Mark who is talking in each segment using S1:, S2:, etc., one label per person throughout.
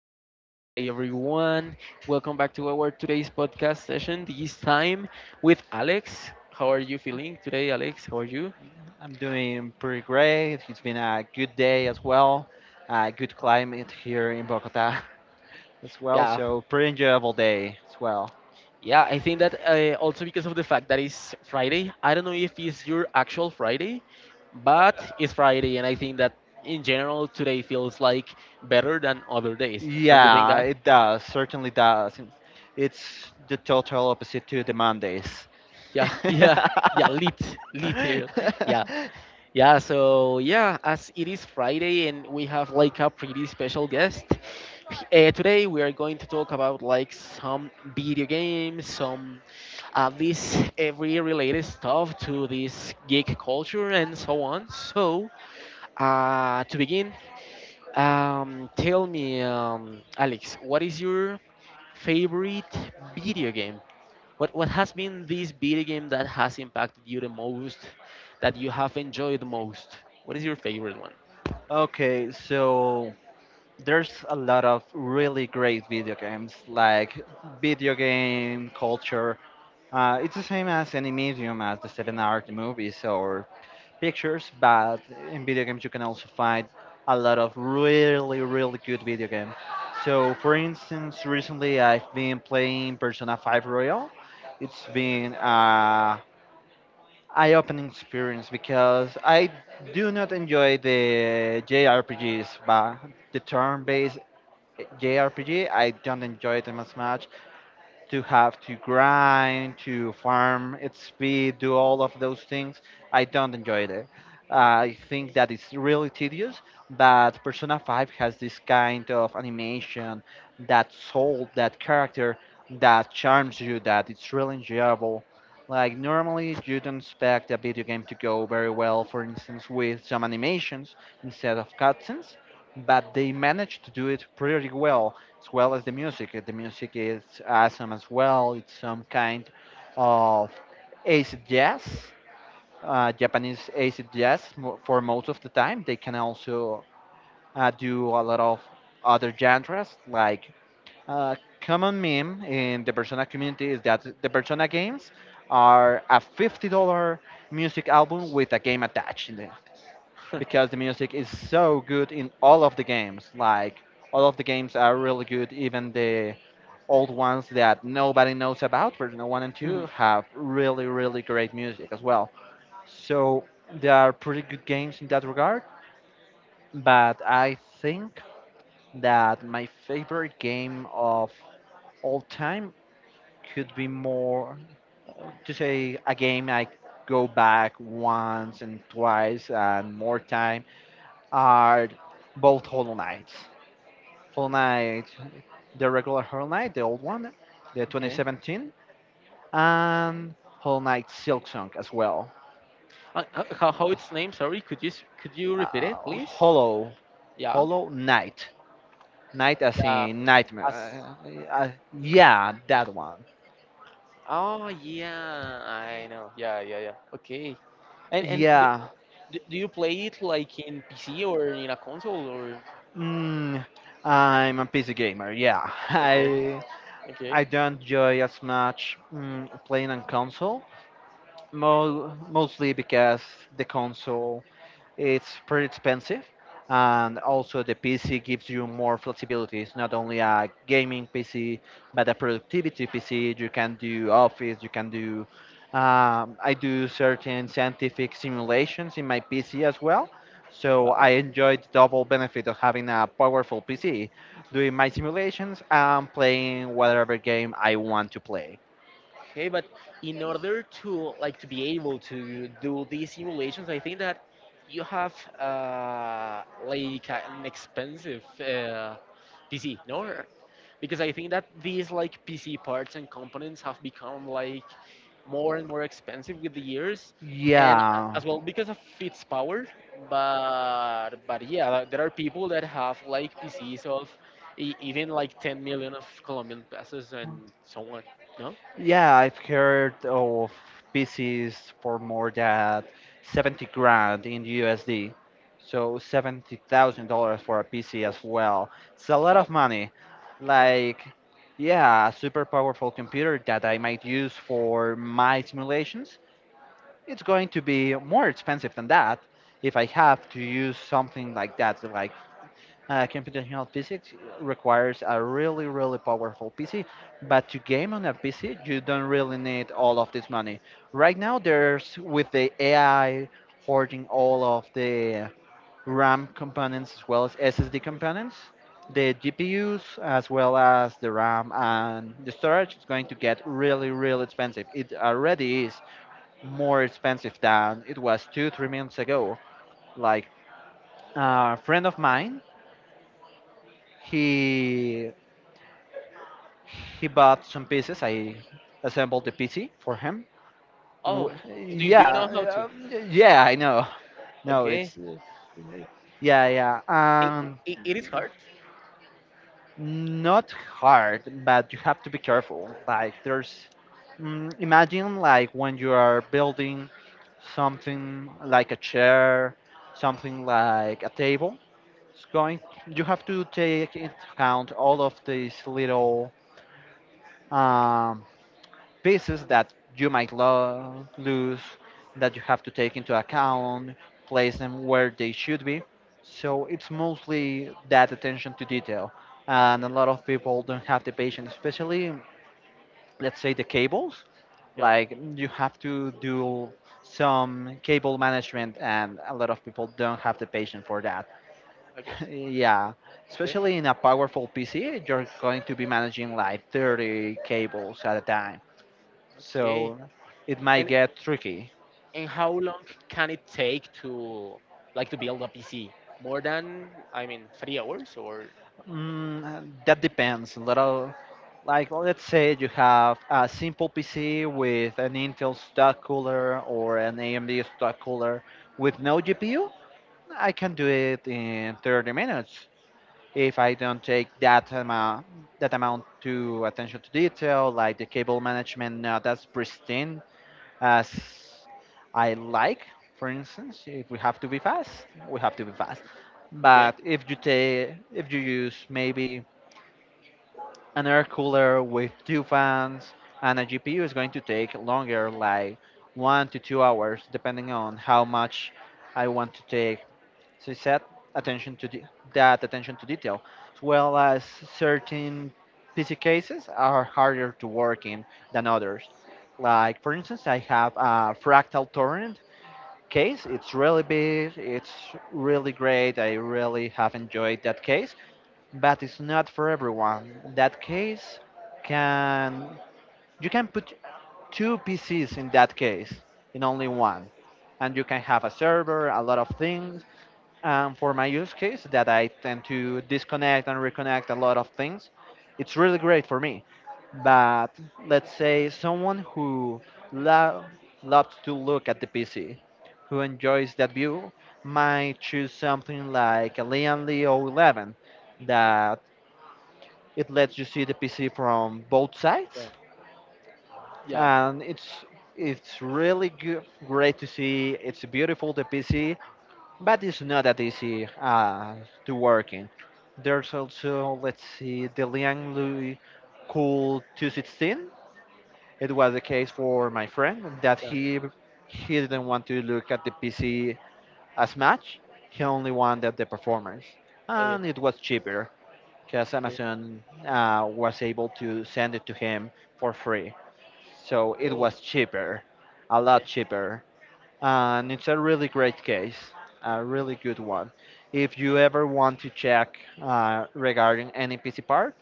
S1: afternoon. Hi, everyone. Welcome back to our today's podcast session, this time with Alex. How are you feeling today, Alex? How are you?
S2: I'm doing pretty great. It's been a good day as well. A good climate here in Bogota as well.
S1: Yeah.
S2: So pretty enjoyable day as well.
S1: Yeah, I think that also because of the fact that it's Friday. I don't know if it's your actual Friday, but it's Friday, and I think that in general today feels like better than other days. Don't you think
S2: Yeah,
S1: that?
S2: it does. Certainly does. It's the total opposite to the Mondays.
S1: Yeah. yeah yeah lit literal yeah yeah so yeah as it is Friday and we have like a pretty special guest, today we are going to talk about like some video games, some at least every related stuff to this geek culture and so on. So to begin, tell me, Alex, what is your favorite video game, what has been this video game that has impacted you the most, that you have enjoyed the most? What is your favorite one?
S2: Okay, so there's a lot of really great video games, like video game culture. It's the same as any medium as the seven art movies or pictures, but in video games you can also find a lot of really, really good video games. So, for instance, recently I've been playing Persona 5 Royal. It's been a eye-opening experience because I do not enjoy the JRPGs, but the turn-based JRPG I don't enjoy them as much to have to grind, to farm its speed, do all of those things. I don't enjoy it. I think that it's really tedious, but Persona 5 has this kind of animation, that soul, that character that charms you, that it's really enjoyable. Like, normally you don't expect a video game to go very well, for instance, with some animations instead of cutscenes, but they managed to do it pretty well as the music. The music is awesome as well. It's some kind of acid jazz, Japanese acid jazz for most of the time. They can also do a lot of other genres like common meme in the Persona community is that the Persona games are a $50 music album with a game attached in it because the music is so good in all of the games. Like all of the games are really good, even the old ones that nobody knows about. Version 1 and 2
S1: Mhm.
S2: have really, really great music as well. So they are pretty good games in that regard. But I think that my favorite game of all time could be more to say a game I go back once and twice and more time are both Hollow Knights. Hollow Knight, the regular Hollow Knight, the old one, the
S1: Okay.
S2: 2017, and Hollow Knight Silksong as well.
S1: How its name? Sorry, could you could you repeat it,
S2: Uh,
S1: please?
S2: Hollow,
S1: Yeah.
S2: Hollow Knight. Knight as
S1: Yeah,
S2: in
S1: as.
S2: nightmare. Yeah, that one.
S1: Oh yeah, I know. Yeah, yeah, yeah. Okay. And and do,
S2: Yeah.
S1: do do you play it like in PC or in a console, or?
S2: Mm, I'm a PC gamer. Yeah,
S1: Okay.
S2: I
S1: Okay.
S2: I don't enjoy as much playing on console, mostly because the console. It's pretty expensive, and also the PC gives you more flexibility. It's not only a gaming PC, but a productivity PC. You can do office, you can do. I do certain scientific simulations in my PC as well, so
S1: Yeah.
S2: I enjoy the double benefit of having a powerful PC, doing my simulations and playing whatever game I want to play.
S1: Okay, but in order to like to be able to do these simulations, I think that you have, like an expensive, PC, no? Because I think that these like PC parts and components have become like more and more expensive with the years, and,
S2: Yeah,
S1: as well because of its power. But yeah, like, there are people that have like PCs of, even like 10 million of Colombian pesos and so on, no?
S2: yeah, I've heard of PCs for more than 70 grand in USD. So $70,000 for a PC as well. It's a lot
S1: Fuck.
S2: of money.
S1: Yeah.
S2: Like, yeah, a super powerful computer that I might use for my simulations, it's going to be more expensive than that if I have to use something like that, like computational physics requires a really, really powerful PC, but to game on a PC, you don't really need all of this money. Right now, there's with the AI hoarding all of the RAM components as well as SSD components, the GPUs as well as the RAM and the storage is going to get really, really expensive. It already is more expensive than it was two, 3 months ago. Like a friend of mine, he He bought some pieces. I assembled the PC for him.
S1: Oh, do you know
S2: Yeah,
S1: how to?
S2: yeah, I know. No,
S1: Okay.
S2: it's yeah, yeah.
S1: It, it is hard.
S2: Not hard, but you have to be careful. Like there's, imagine like when you are building something like a chair, something like a table. It's going. You have to take into account all of these little um, pieces that you might lose, that you have to take into account, place them where they should be. So it's mostly that attention to detail. And a
S1: Okay.
S2: lot of people don't have the patience, especially, let's say, the cables.
S1: Yeah.
S2: Like, you have to do some cable management, and a lot of people don't have the patience for that.
S1: Okay.
S2: Yeah,
S1: Okay.
S2: especially in a powerful PC, you're going to be managing like 30 cables at a time
S1: Okay.
S2: so it might
S1: And
S2: get tricky.
S1: and how long can it take to like to build a PC? More than, I mean, 3 hours, or?
S2: That depends. A little. Like, let's say you have a simple PC with an Intel stock cooler or an AMD stock cooler with no GPU, I can do it in 30 minutes if I don't take that amount to attention to detail, like the cable management not as pristine as I like. For instance, if we have to be fast, we have to be fast.
S1: Okay.
S2: But if you take, if you use maybe an air cooler with two fans and a GPU is going to take longer, like 1 to 2 hours, depending on how much I want to take. So set attention to de- that attention to detail, as well as certain PC cases are harder to work in than others. Like for instance, I have a fractal torrent case. It's really big. It's really great. I really have enjoyed that case but it's not for everyone. In that case, can you can put two PCs in that case in only one, and you can have a server, a lot of things. For my use case, that I tend to disconnect and reconnect a lot of things, it's really great for me. But let's say someone who lo- loves to look at the PC, who enjoys that view, might choose something like a Lian Leo 11, that it lets you see the PC from both
S1: Yeah.
S2: sides,
S1: Yeah.
S2: and it's really good, great to see. It's beautiful the PC, but it's not that easy to work in. There's also let's see the Lianglui Cool 216. It was the case for my friend that
S1: Yeah.
S2: he didn't want to look at the PC as much. He only wanted the performance,
S1: Okay.
S2: and it was cheaper because
S1: Okay.
S2: Amazon was able to send it to him for free. So it
S1: Oh.
S2: was cheaper, a lot
S1: Okay.
S2: cheaper. And it's a really great case, a really good one. If you
S1: Okay.
S2: ever want to check regarding any PC part,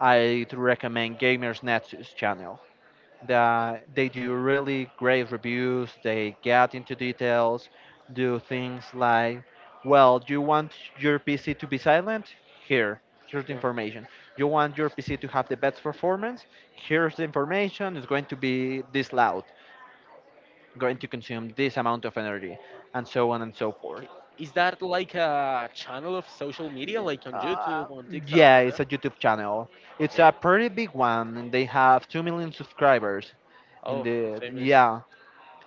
S2: I'd recommend Gamers Nexus channel that they do really great reviews. They get into details, do things like, well, you want your PC to be silent? Here's the
S1: Yeah.
S2: information. You want your PC to have the best performance? Here's the information. It's going to be this loud, going to consume this amount of energy, and so on and so forth.
S1: Okay. Is that like a channel of social media, like on
S2: Uh,
S1: YouTube, on TikTok,
S2: yeah,
S1: or
S2: it's
S1: that?
S2: a YouTube channel. It's a
S1: Okay.
S2: pretty big one. And they have 2 million subscribers. In
S1: Oh, it's
S2: the
S1: famous.
S2: Yeah,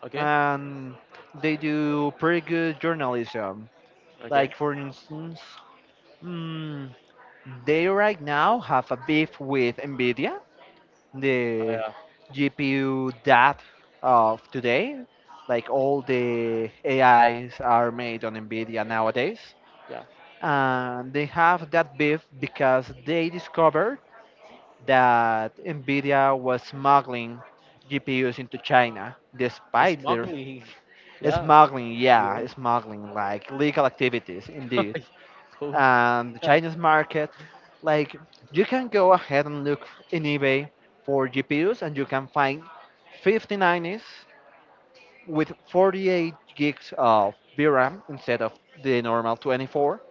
S1: Okay.
S2: and they do pretty good journalism.
S1: Okay.
S2: Like for instance, mm, they right now have a beef with Nvidia, the
S1: Uh,
S2: GPU that of today. Like all the AIs are made on Nvidia nowadays,
S1: yeah.
S2: and they have that beef because they discovered that Nvidia was smuggling GPUs into China, despite their.
S1: Smuggling. Yeah.
S2: Smuggling,
S1: Yeah,
S2: yeah, smuggling, like legal activities, indeed.
S1: yeah. Oh.
S2: And the
S1: Yeah.
S2: Chinese market, like you can go ahead and look in eBay for GPUs, and you can find 5090s with 48 gigs of VRAM instead of the normal 24.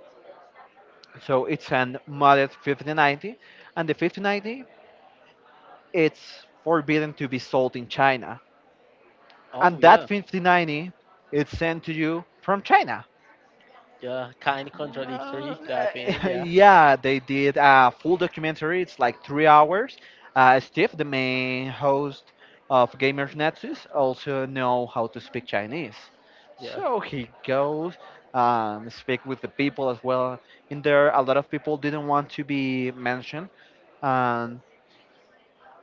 S2: So it's an modded 5090, and the 5090 it's forbidden to be sold in China,
S1: Oh
S2: and that
S1: yeah.
S2: 5090 it's sent to you from China.
S1: Yeah. Kind of
S2: Uh,
S1: contradictory that thing. Yeah.
S2: yeah, they did a full documentary. It's like 3 hours. Steve, the main host of Gamers Nexus, also know how to speak Chinese,
S1: Yeah.
S2: so he goes speak with the people as well. In there, a lot of people didn't want to be mentioned, and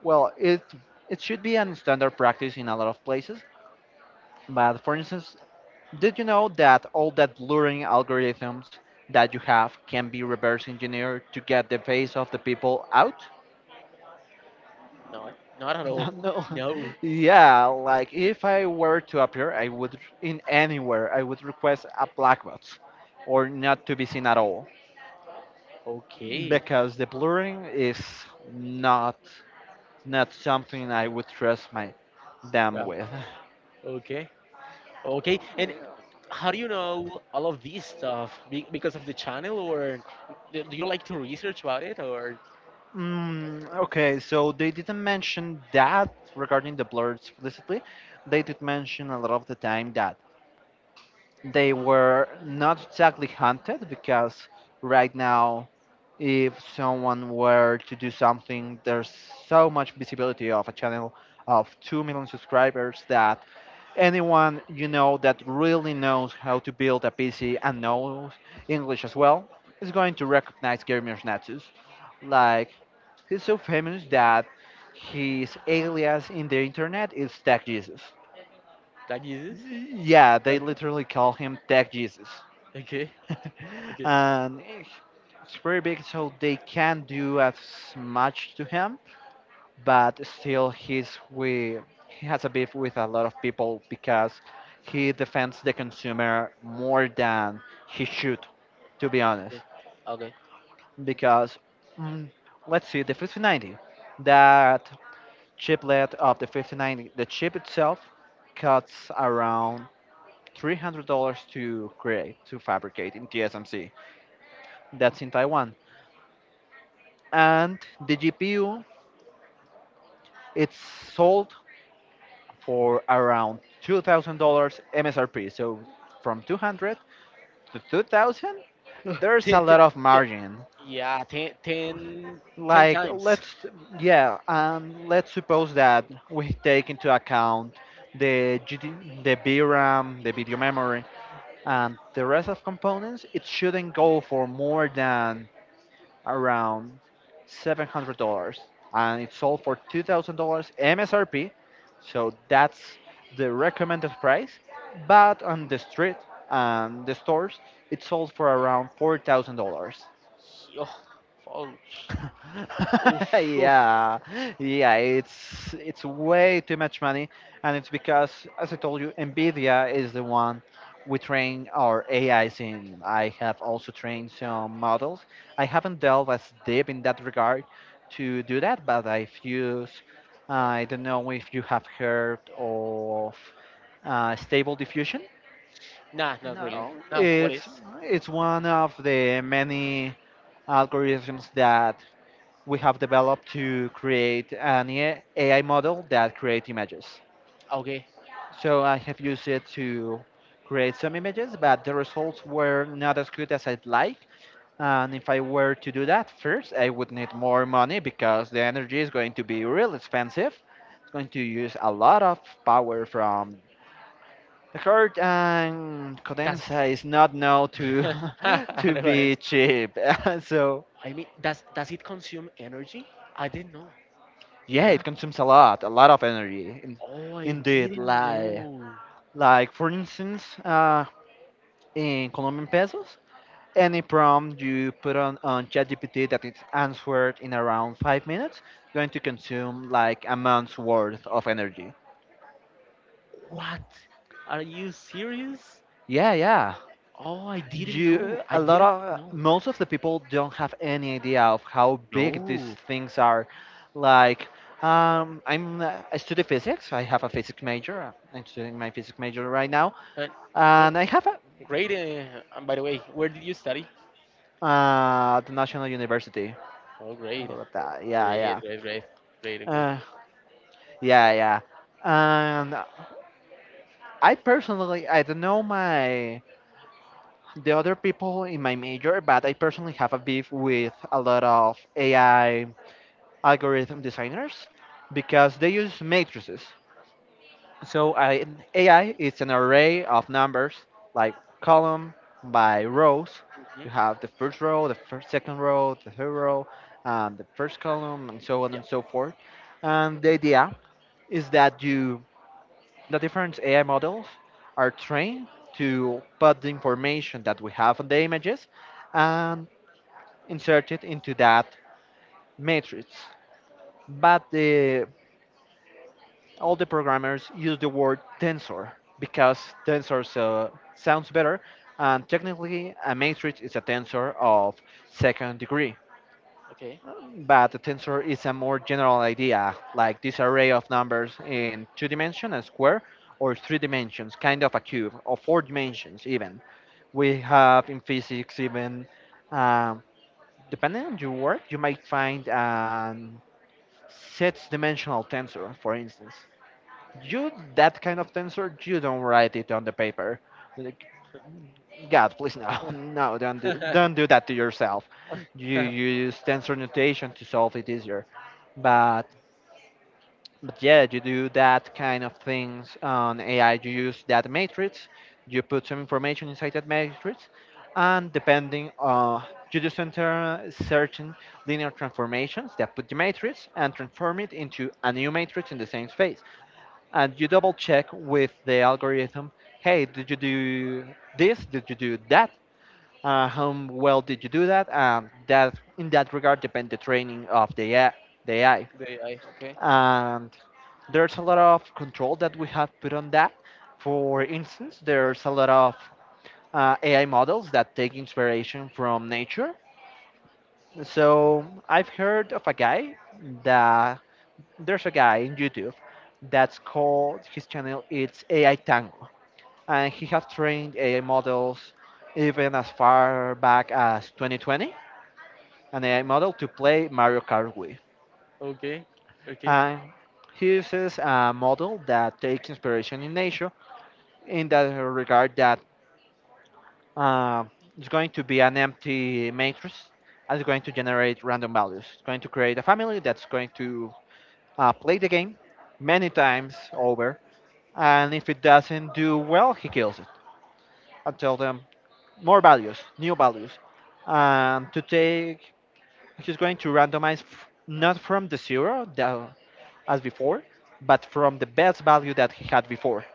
S2: well, it should be an standard practice in a lot of places. But for instance, did you know that all that blurring algorithms that you have can be reverse engineered to get the face of the people out?
S1: Not. Not at all.
S2: No.
S1: No.
S2: Yeah, like if I were to appear, I would in anywhere, I would request a black box or not to be seen at all
S1: Okay.
S2: because the blurring is not not something I would trust my them
S1: Yeah.
S2: with.
S1: Okay. Okay, and how do you know all of this stuff? Because of the channel, or do you like to research about it, or
S2: Okay, so they didn't mention that regarding the blur explicitly. They did mention a lot of the time that they were not exactly hunted because right now, if someone were to do something, there's so much visibility of a channel of 2 million subscribers that anyone you know that really knows how to build a PC and knows English as well is going to recognize Gary Mirsnatus. Like, he's so famous that his alias in the internet is Tech Jesus.
S1: that uses?
S2: Yeah, they
S1: Okay,
S2: literally call him Tech Jesus.
S1: okay, okay,
S2: And it's very big, so they can't do as much to him, but still he has a beef with a lot of people because he defends the consumer more than he should, to be honest.
S1: okay, okay.
S2: Because, mm, let's see, the 5090, that chiplet of the 5090, the chip itself costs around $300 to create, to fabricate, in TSMC — that's in Taiwan — and the GPU, it's sold for around $2,000 MSRP. So from 200 to 2,000, there's a
S1: Ten, ten,
S2: lot of
S1: ten,
S2: margin.
S1: ten, ten
S2: Like
S1: times.
S2: let's Yeah, and let's suppose that we take into account the GD, the VRAM, the video memory, and the rest of components. It shouldn't go for more than around $700, and it sold for $2,000 MSRP. So that's the recommended price. But on the street and the stores, it sold for around $4,000.
S1: Oh, oh, oof, oof.
S2: Yeah, yeah, it's way too much money, and it's because, as I told you, Nvidia is the one we train our AIs in. I have also trained some models. I haven't delved as deep in that regard to do that, but I've used. I don't know if you have heard of stable diffusion.
S1: Nah, not really.
S2: No,
S1: Nah, what is?
S2: it's one of the many algorithms that we have developed to create an AI model that creates images.
S1: Okay,
S2: So I have used it to create some images, but the results were not as good as I'd like. And if I were to do that first, I would need more money because the energy is going to be real expensive. It's going to use a lot of power from the card, and
S1: that's.
S2: Codensa is not known to to
S1: No, worries.
S2: be cheap. So,
S1: I mean, does it consume energy? I didn't know.
S2: yeah,
S1: Yeah.
S2: it consumes a lot of energy.
S1: Oh, I
S2: Indeed,
S1: didn't
S2: like
S1: know.
S2: like for instance, in Colombian pesos, any prompt you put on ChatGPT that it's answered in around 5 minutes, going to consume like a month's worth of energy.
S1: What? Are you serious?
S2: Yeah, yeah.
S1: Oh, I didn't know.
S2: You
S1: I
S2: A lot
S1: didn't really
S2: of
S1: know.
S2: most of the people don't have any idea of how big these
S1: No.
S2: things are. Like, I study physics. I have a physics major. I'm studying my physics major right now.
S1: Uh, well,
S2: And I have a,
S1: great. And by the way, where did you study?
S2: The National University.
S1: Oh, great.
S2: Bogota. Yeah,
S1: Great,
S2: yeah.
S1: great, great. Great, great.
S2: Uh, yeah, yeah. And I personally, I don't know my the other people in my major, but I personally have a beef with a lot of AI algorithm designers because they use matrices. So I, AI is an array of numbers, like column by rows.
S1: Hmm.
S2: You have the first row, the first second row, the third row, the first column, and so on
S1: Yeah.
S2: and so forth. And the idea is that you the different AI models are trained to put the information that we have on the images and insert it into that matrix. But the all the programmers use the word tensor because tensor sounds better, and technically, a matrix is a tensor of second degree.
S1: Okay.
S2: But a tensor is a more general idea, like this array of numbers in two dimensions, a square, or three dimensions, kind of a cube, or four dimensions even. We have in physics even, um, depending on your work, you might find a six dimensional tensor, for instance. You, that kind of tensor you don't write it on the paper. Like, god please no. No,
S1: The
S2: don't do that to yourself. You use tensor notation to solve it easier, but yeah, you do that kind of things on AI. You use that matrix, you put some information inside that matrix, and depending on, you do center certain linear transformations that put the matrix and transform it into a new matrix in the same space, and you double check with the algorithm: hey, did you do this, did you do that, how well did you do that? And that in that regard depend the training of the AI, the AI
S1: AI. Okay.
S2: and there's a lot of control that we have put on that. For instance, there's a lot of AI models that take inspiration from nature. So I've heard of a guy that there's a guy on YouTube that's called his channel it's AI Tango, and he has trained AI models even as far back as 2020, an AI model to play Mario Kart Wii.
S1: Okay. Okay.
S2: And he uses a model that takes inspiration in nature in that regard, that uh, it's going to be an empty matrix and it's going to generate random values. It's going to create a family that's going to play the game many times over, and if it doesn't do well, he kills it until the more values, new values. Um, to take, he's going to randomize, not from the zero that, as before, but from the best value that he had before.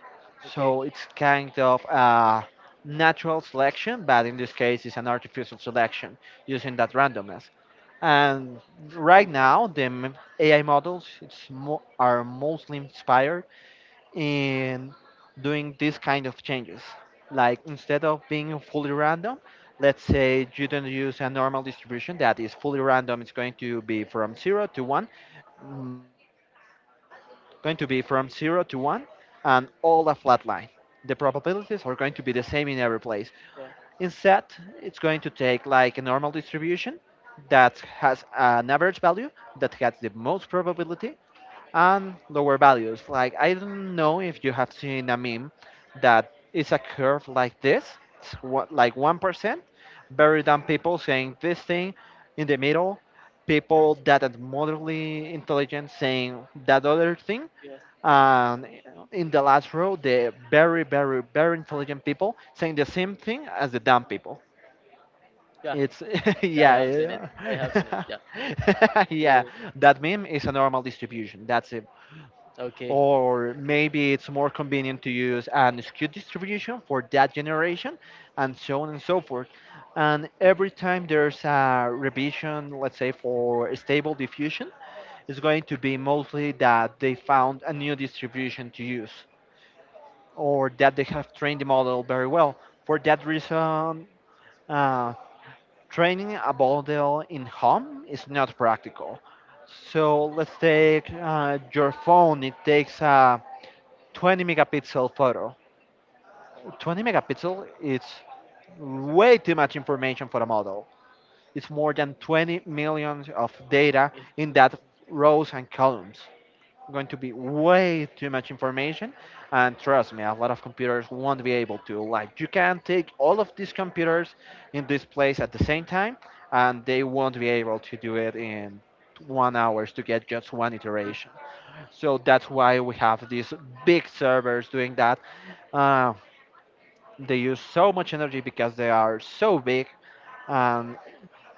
S1: Okay.
S2: So it's kind of a natural selection, but in this case, it's an artificial selection using that randomness. And
S1: Oh,
S2: right now, the AI models are mostly inspired in doing these kind of changes. Like, instead of being fully random, let's say you don't use a normal distribution that is fully random. It's going to be from 0 to 1, going to be from 0 to 1, and all a flat line. The probabilities are going to be the same in every place.
S1: yeah.
S2: Instead, it's going to take like a normal distribution that has an average value, that has the most probability, and lower values. Like, I don't know if you have seen a meme that is a curve like this. It's like 1%, very dumb people saying this thing, in the middle, people that are moderately intelligent saying that other thing,
S1: Yeah.
S2: and in the last row, the very, very, very intelligent people saying the same thing as the dumb people.
S1: Yeah.
S2: It's
S1: Yeah, I
S2: yeah,
S1: have seen it. I have seen it.
S2: yeah.
S1: Yeah, yeah,
S2: Yeah,
S1: yeah,
S2: that meme is a normal distribution. That's it.
S1: yeah. Okay.
S2: Or
S1: Okay,
S2: maybe it's more convenient to use an SKU distribution for that generation, and so on and so forth. And every time there's a revision, let's say for stable diffusion, it's going to be mostly that they found a new distribution to use, or that they have trained the model very well. For that reason, uh, training a model in home is not practical. So let's take your phone. It takes a 20 megapixel photo. 20 megapixel is way too much information for a model. It's more than 20 million of data
S1: okay.
S2: in that rows and columns. Going to be way too much information, and trust me, a lot of computers won't be able to. Like, you can take all of these computers in this place at the same time, and they won't be able to do it in 1 hours to get just one iteration. So that's why we have these big servers doing that. Uh, They use so much energy because they are so big, and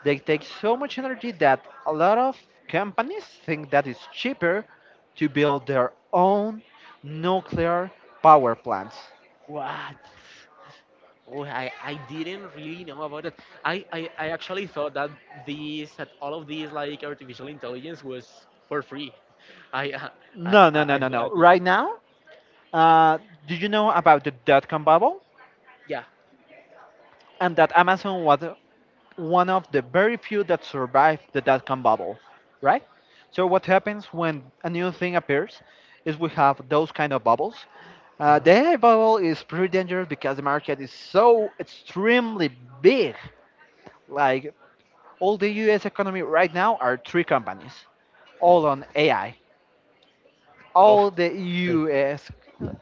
S2: they take so much energy that a lot of companies think that it's cheaper to build their own nuclear power plants.
S1: What? Oh, I didn't really know about it. I actually thought that these that all of these like artificial intelligence was for free. I uh,
S2: No, no, no,
S1: I
S2: no, no.
S1: thought it,
S2: Right now, uh, do you know about the dot com bubble?
S1: yeah.
S2: And that Amazon was one of the very few that survived the dot com bubble, right? So, what happens when a new thing appears is we have those kind of bubbles.
S1: Uh,
S2: The AI bubble is pretty dangerous because the market is so extremely big. Like, all the US economy right now are three companies, all on AI.
S1: oh,
S2: All the US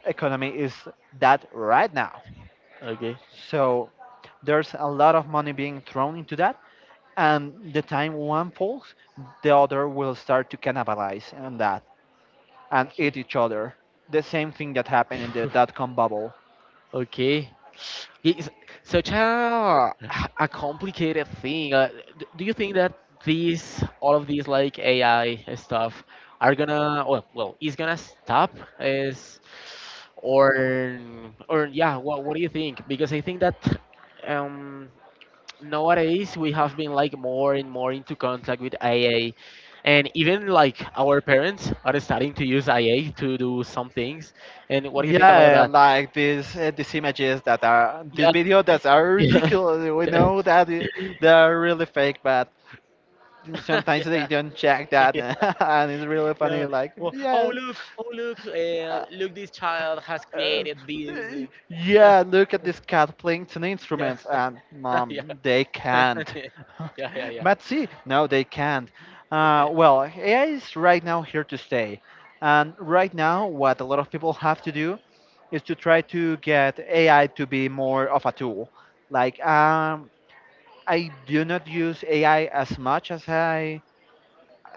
S2: economy is that right now.
S1: okay.
S2: So there's a lot of money being thrown into that. And the time one falls, the other will start to cannibalize on that and
S1: Okay.
S2: eat each other. The same thing that happened in the dot com bubble.
S1: Okay. It's such a complicated thing. Do you think that these all of these like AI stuff are gonna, well, is gonna stop, is, or or, yeah, what do you think? Because I think that, um nowadays we have been like more and more into contact with AI, and even like our parents are starting to use AI to do some things. And what do you think about
S2: Yeah,
S1: that?
S2: like these images that are these
S1: Yeah.
S2: videos that are ridiculous. We know that they are really fake, but sometimes they
S1: Yeah,
S2: don't check that,
S1: yeah,
S2: and it's really
S1: yeah.
S2: funny. Like,
S1: Well,
S2: yes.
S1: oh look,
S2: uh,
S1: look! This child has created this.
S2: yeah, look at this cat playing ten
S1: Yeah.
S2: instruments, and
S1: Yeah.
S2: mom, they can't.
S1: Yeah, yeah, yeah.
S2: But see, no, they can't. Well, AI is right now here to stay, and right now, what a lot of people have to do is to try to get AI to be more of a tool. Like, I do not use AI as much as I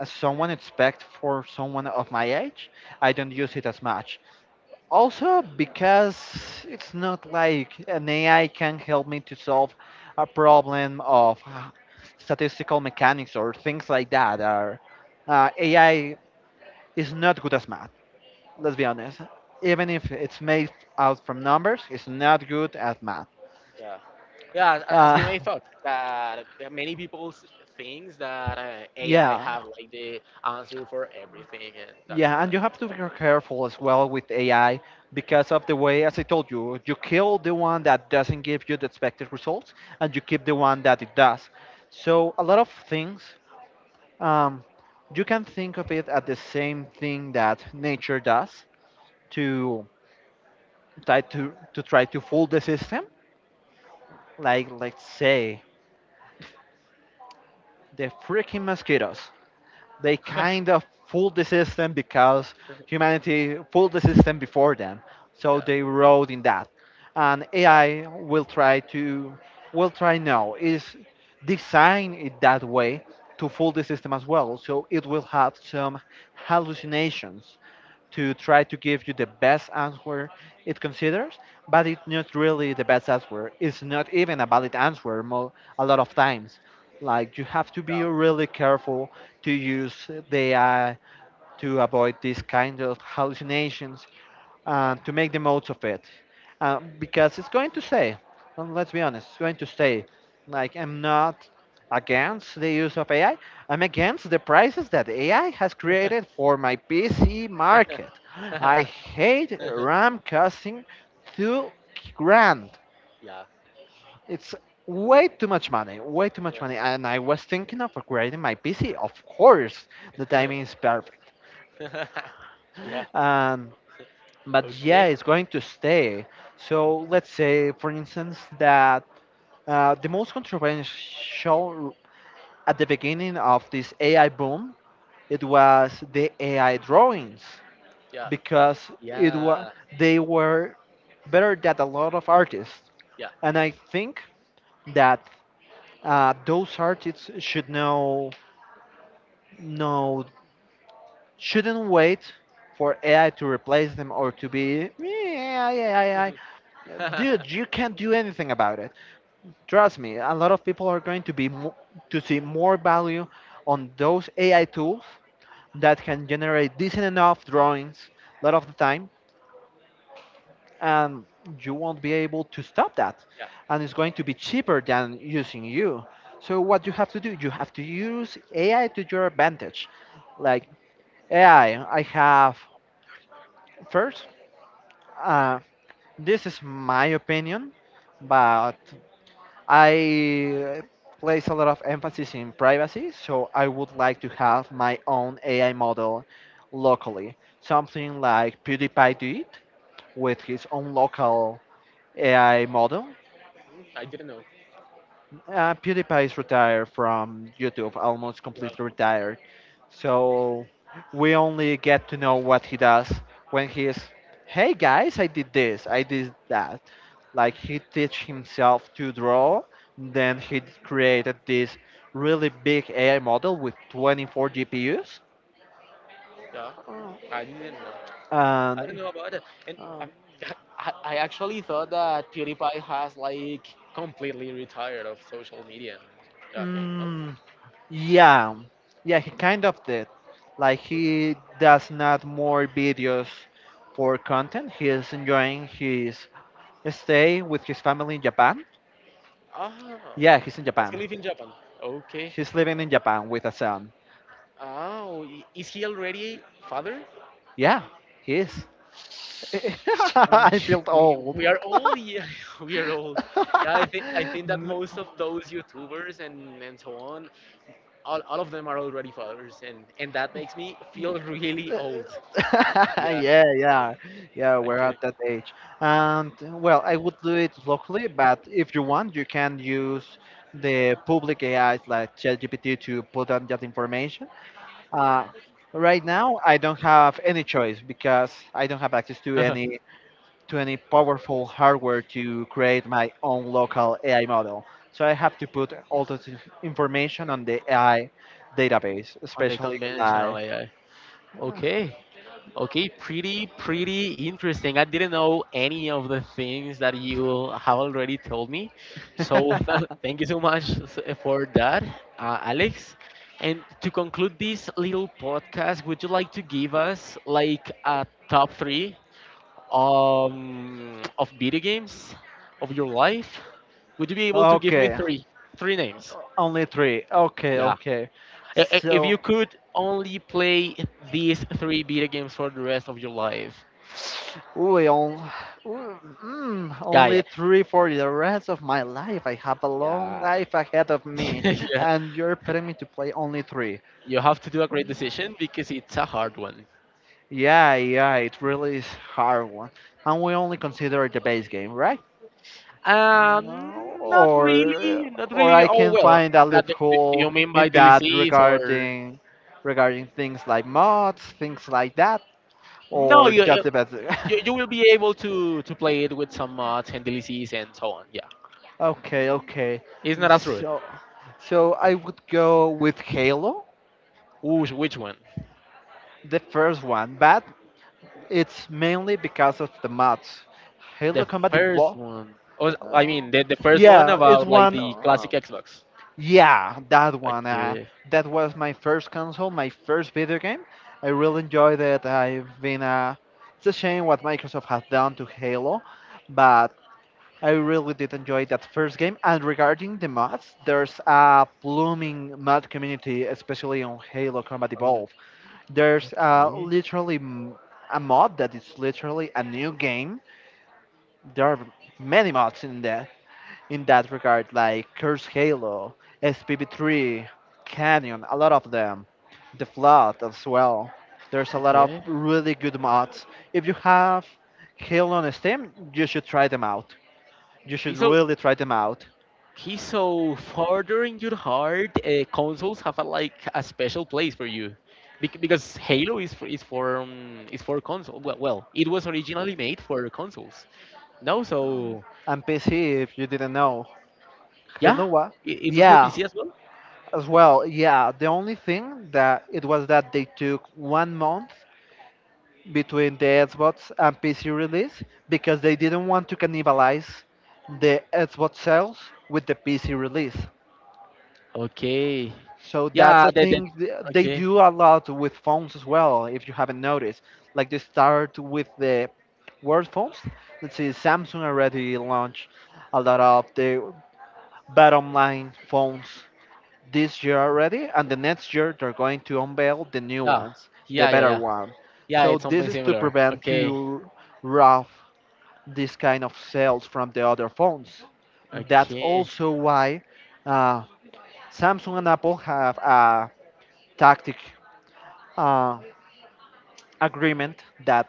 S2: as someone expect for someone of my age, I don't use it as much. Also because it's not like an AI can help me to solve a problem of statistical mechanics or things like that. Or AI is not good as math. Let's be honest. Even if it's made out from numbers, it's not good at math.
S1: Yeah, yeah. a- As
S2: Uh,
S1: we may thought that there are many people thinks that, AI
S2: yeah.
S1: have like the answer for everything, and that's
S2: Yeah,
S1: not
S2: and
S1: that
S2: you have to be
S1: way.
S2: careful as well with AI because of the way, as I told you, you kill the one that doesn't give you the expected results, and you keep the one that it does. So a lot of things, um, you can think of it at the same thing that nature does to to try to fool the system. Like, let's say the freaking mosquitoes, they kind of fooled the system because humanity fooled the system before them. So
S1: Yeah,
S2: they rode in that. And
S1: yeah, yeah,
S2: AI will try to, will try now, is design it that way to fool the system as well. So it will have some hallucinations to try to give you the best answer it considers, but it's not really the best answer. It's not even a valid answer a lot of times. Like you have to be really careful to use the AI to avoid these kind of hallucinations to make the most of it because it's going to stay. Well, let's be honest, it's going to stay. Like I'm not against the use of AI. I'm against the prices that AI has created for my PC market.
S1: yeah.
S2: I hate RAM costing 2 grand.
S1: Yeah.
S2: It's way too much money, way too much money. And I was thinking of upgrading my PC. Of course, the
S1: Yeah.
S2: timing is perfect.
S1: Yeah.
S2: And but yeah,
S1: Okay.
S2: it's going to stay. So let's say, for instance, that the most controversial at the beginning of this AI boom, it was the AI drawings
S1: Yeah.
S2: because it was
S1: Yeah.
S2: they were better than a lot of artists,
S1: Yeah.
S2: and I think that those artists should know no shouldn't wait for AI to replace them or to be, "Yeah, AI AI AI. Dude, you can't do anything about it. Trust me, a lot of people are going to be to see more value on those AI tools that can generate decent enough drawings a lot of the time, and you won't be able to stop that.
S1: Yeah.
S2: And it's going to be cheaper than using you. So what you have to do, you have to use AI to your advantage. Like AI, I have first. Uh, this is my opinion, but I place a lot of emphasis in privacy, so I would like to have my own AI model locally, something like PewDiePie did with his own local AI model.
S1: Hmm, I didn't know.
S2: PewDiePie is retired from YouTube, almost
S1: Yeah.
S2: completely retired. So we only get to know what he does when he is, hey guys, I did this, I did that. Like he teach himself to draw, then he created this really big AI model with 24 GPUs.
S1: Yeah. I didn't know. I don't
S2: And
S1: know about it. And, I, I actually thought that PewDiePie has like completely retired of social media and that thing. No.
S2: mm, yeah, yeah, he kind of did. Like
S1: Good.
S2: he does not more videos for content. He is enjoying his stay with his family in Japan.
S1: Ah.
S2: Yeah, he's in
S1: Does
S2: Japan.
S1: he live in Japan? Okay.
S2: He's living in Japan with a son.
S1: Oh, is he already father?
S2: Yeah, he is. I
S1: Which
S2: feel
S1: we,
S2: old.
S1: we are old, yeah, we are old. Yeah, I think that most of those YouTubers and, so on, all of them are already fathers, and that makes me feel really old. Yeah.
S2: Yeah, yeah, yeah. We're
S1: Okay.
S2: at that age, and well, I would do it locally, but if you want, you can use the public AIs like ChatGPT to put on that information. Uh, right now, I don't have any choice because I don't have access to any powerful hardware to create my own local AI model. So I have to put all this information on the AI database,
S1: On the
S2: especially
S1: conventional
S2: like.
S1: AI. Okay. Okay, pretty, pretty interesting. I didn't know any of the things that you have already told me. So, thank you so much for that, Alex. And to conclude this little podcast, would you like to give us like a top three, of video games of your life? Would you be able to give me
S2: Okay.
S1: three, three names?
S2: Only three. Okay,
S1: Yeah.
S2: okay.
S1: If
S2: So,
S1: you could only play these three video games for the rest of your life.
S2: we on,
S1: Yeah,
S2: only
S1: yeah,
S2: three for the rest of my life. I have a long
S1: yeah.
S2: life ahead of me,
S1: Yeah.
S2: and you're putting me to play only three.
S1: You have to do a great decision because it's a hard one.
S2: Yeah, yeah, it really is hard one. And we only consider the base game, right?
S1: Um,
S2: No,
S1: not really, not
S2: or
S1: really.
S2: I
S1: Oh
S2: can
S1: well,
S2: find a
S1: that do
S2: loophole
S1: you mean by
S2: in that
S1: DLCs or
S2: regarding things like mods, things like that,
S1: no?
S2: or just the best.
S1: You will be able to play it with some mods and DLCs and so on. Yeah,
S2: Okay, okay.
S1: it's not as rude.
S2: So, so I would go with Halo,
S1: Which one?
S2: the first one, but it's mainly because of the mods. Halo
S1: The
S2: Combat
S1: first
S2: Evolved.
S1: one. Oh,
S2: uh,
S1: I mean the first one
S2: yeah, it's
S1: about like
S2: one.
S1: the classic Xbox.
S2: Yeah, that one.
S1: Okay.
S2: That was my first console, my first video game. I really enjoyed it. I've been. It's a shame what Microsoft has done to Halo, but I really did enjoy that first game. And regarding the mods, there's a blooming mod community, especially on Halo Combat
S1: Okay.
S2: Evolved. There's
S1: Okay.
S2: literally a mod that is literally a new game. There are many mods in that regard, like Curse Halo, SPV3, Canyon, a lot of them. The Flood as well. There's a lot of really good mods. If you have Halo on Steam, you should try them out, you
S1: Okay.
S2: should
S1: So
S2: really try them out.
S1: he's so further in your heart. Consoles have a, like a special place for you, because Halo is for, is for console. Well, well, it was originally made for consoles. No, so
S2: And PC, if you didn't know,
S1: yeah,
S2: Halo what?
S1: it was for
S2: Yeah,
S1: PC as well.
S2: as well. Yeah, the only thing that it was that they took 1 month between the Xbox and PC release because they didn't want to cannibalize the Xbox sales with the PC release.
S1: Okay,
S2: So that's
S1: yeah,
S2: a
S1: that
S2: thing they
S1: okay,
S2: do a lot with phones as well. If you haven't noticed, like they start with the word phones. Let's see, Samsung already launched a lot of the bottom line phones this year already, and the next year they're going to unveil the new
S1: yeah,
S2: ones, the
S1: yeah, yeah,
S2: better
S1: yeah,
S2: one.
S1: yeah.
S2: So
S1: It's
S2: this
S1: something
S2: is to
S1: similar.
S2: prevent
S1: Okay,
S2: to rob this kind of sales from the other phones. That's
S1: okay,
S2: also why uh, Samsung and Apple have a tactic uh, agreement that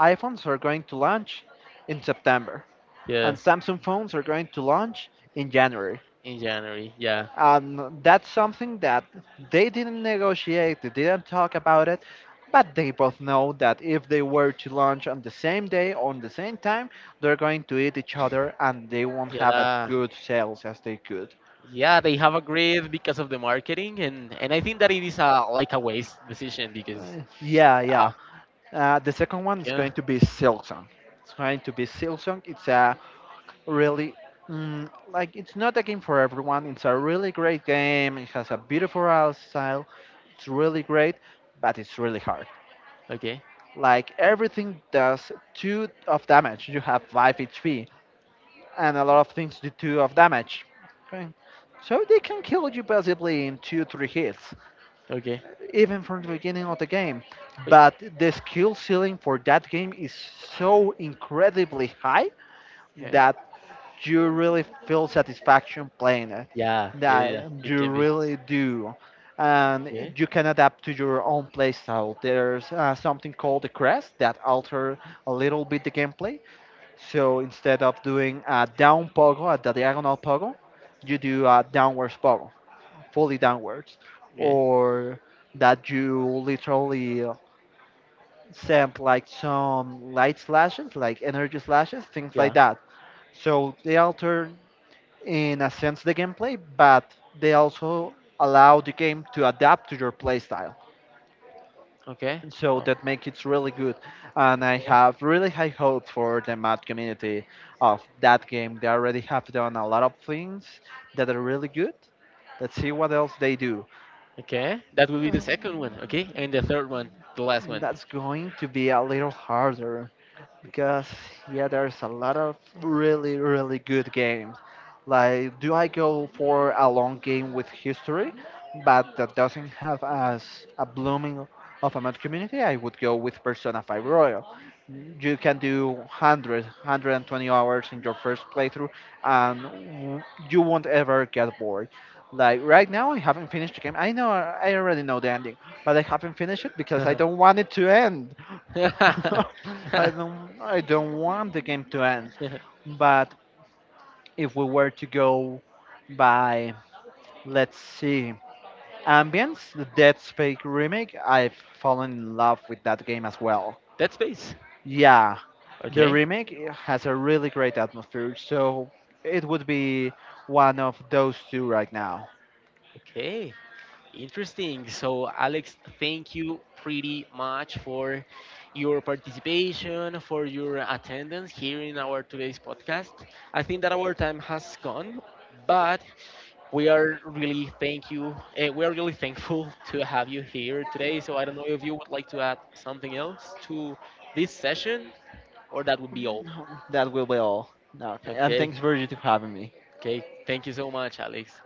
S2: iPhones are going to launch in September
S1: yeah,
S2: and Samsung phones are going to launch in January,
S1: in January, yeah,
S2: and that's something that they didn't negotiate, they didn't talk about it, but they both know that if they were to launch on the same day on the same time, they're going to eat each other and they won't have as
S1: yeah.
S2: good sales as they could.
S1: Yeah, they have agreed because of the marketing, and I think that it is a like a waste decision because,
S2: Yeah.
S1: uh,
S2: The second one is
S1: yeah,
S2: going to be Silksong, it's going to be Silksong. It's a really mm, like, it's not a game for everyone, it's a really great game, it has a beautiful art style, it's really great, but it's really hard.
S1: okay,
S2: Like everything does two of damage. You have 5 HP, and a lot of things do two of damage. Okay. So they can kill you basically in two, three hits,
S1: okay,
S2: even from the beginning of the game.
S1: wait,
S2: But the skill ceiling for that game is so incredibly high
S1: okay,
S2: that you really feel satisfaction playing it,
S1: yeah, yeah, yeah, yeah,
S2: that
S1: it
S2: you
S1: can be,
S2: really do. And
S1: yeah,
S2: you can adapt to your own playstyle. There's something called the crest that alter a little bit the gameplay, so instead of doing a down pogo at the diagonal pogo, you do a downwards pogo, fully downwards,
S1: yeah,
S2: or that you literally send like some light slashes, like energy slashes, things like
S1: yeah,
S2: that, so they alter in a sense the gameplay, but they also allow the game to adapt to your playstyle.
S1: okay,
S2: So
S1: oh,
S2: that makes it really good. And I
S1: yeah,
S2: have really high hope for the mod community of that game. They already have done a lot of things that are really good. Let's see what else they do.
S1: okay, that will be the second one, okay, and the third one, the last one,
S2: That's going to be a little harder, because yeah, there's a lot of really really good games. Like, do I go for a long game with history, but that doesn't have as a blooming of a mod community? I would go with Persona 5 Royal. You can do 100, 120 hours in your first playthrough, and you won't ever get bored. Like right now, I haven't finished the game. I know, I already know the ending, but I haven't finished it because I don't want it to end. I don't want the game to end, but if we were to go by, let's see, ambience, the Dead Space remake, I've fallen in love with that game as well.
S1: dead space,
S2: Yeah, the
S1: okay,
S2: remake has a really great atmosphere, so it would be one of those two right now.
S1: okay. Interesting. So, Alex, thank you pretty much for your participation, for your attendance here in our today's podcast. I think that our time has gone, but we are really thank you. We are really thankful to have you here today. So, I don't know if you would like to add something else to this session, or that would be all.
S2: That will be all. Okay, and
S1: Okay.
S2: thanks Virgil for you to having me.
S1: Okay. Thank you so much, Alex.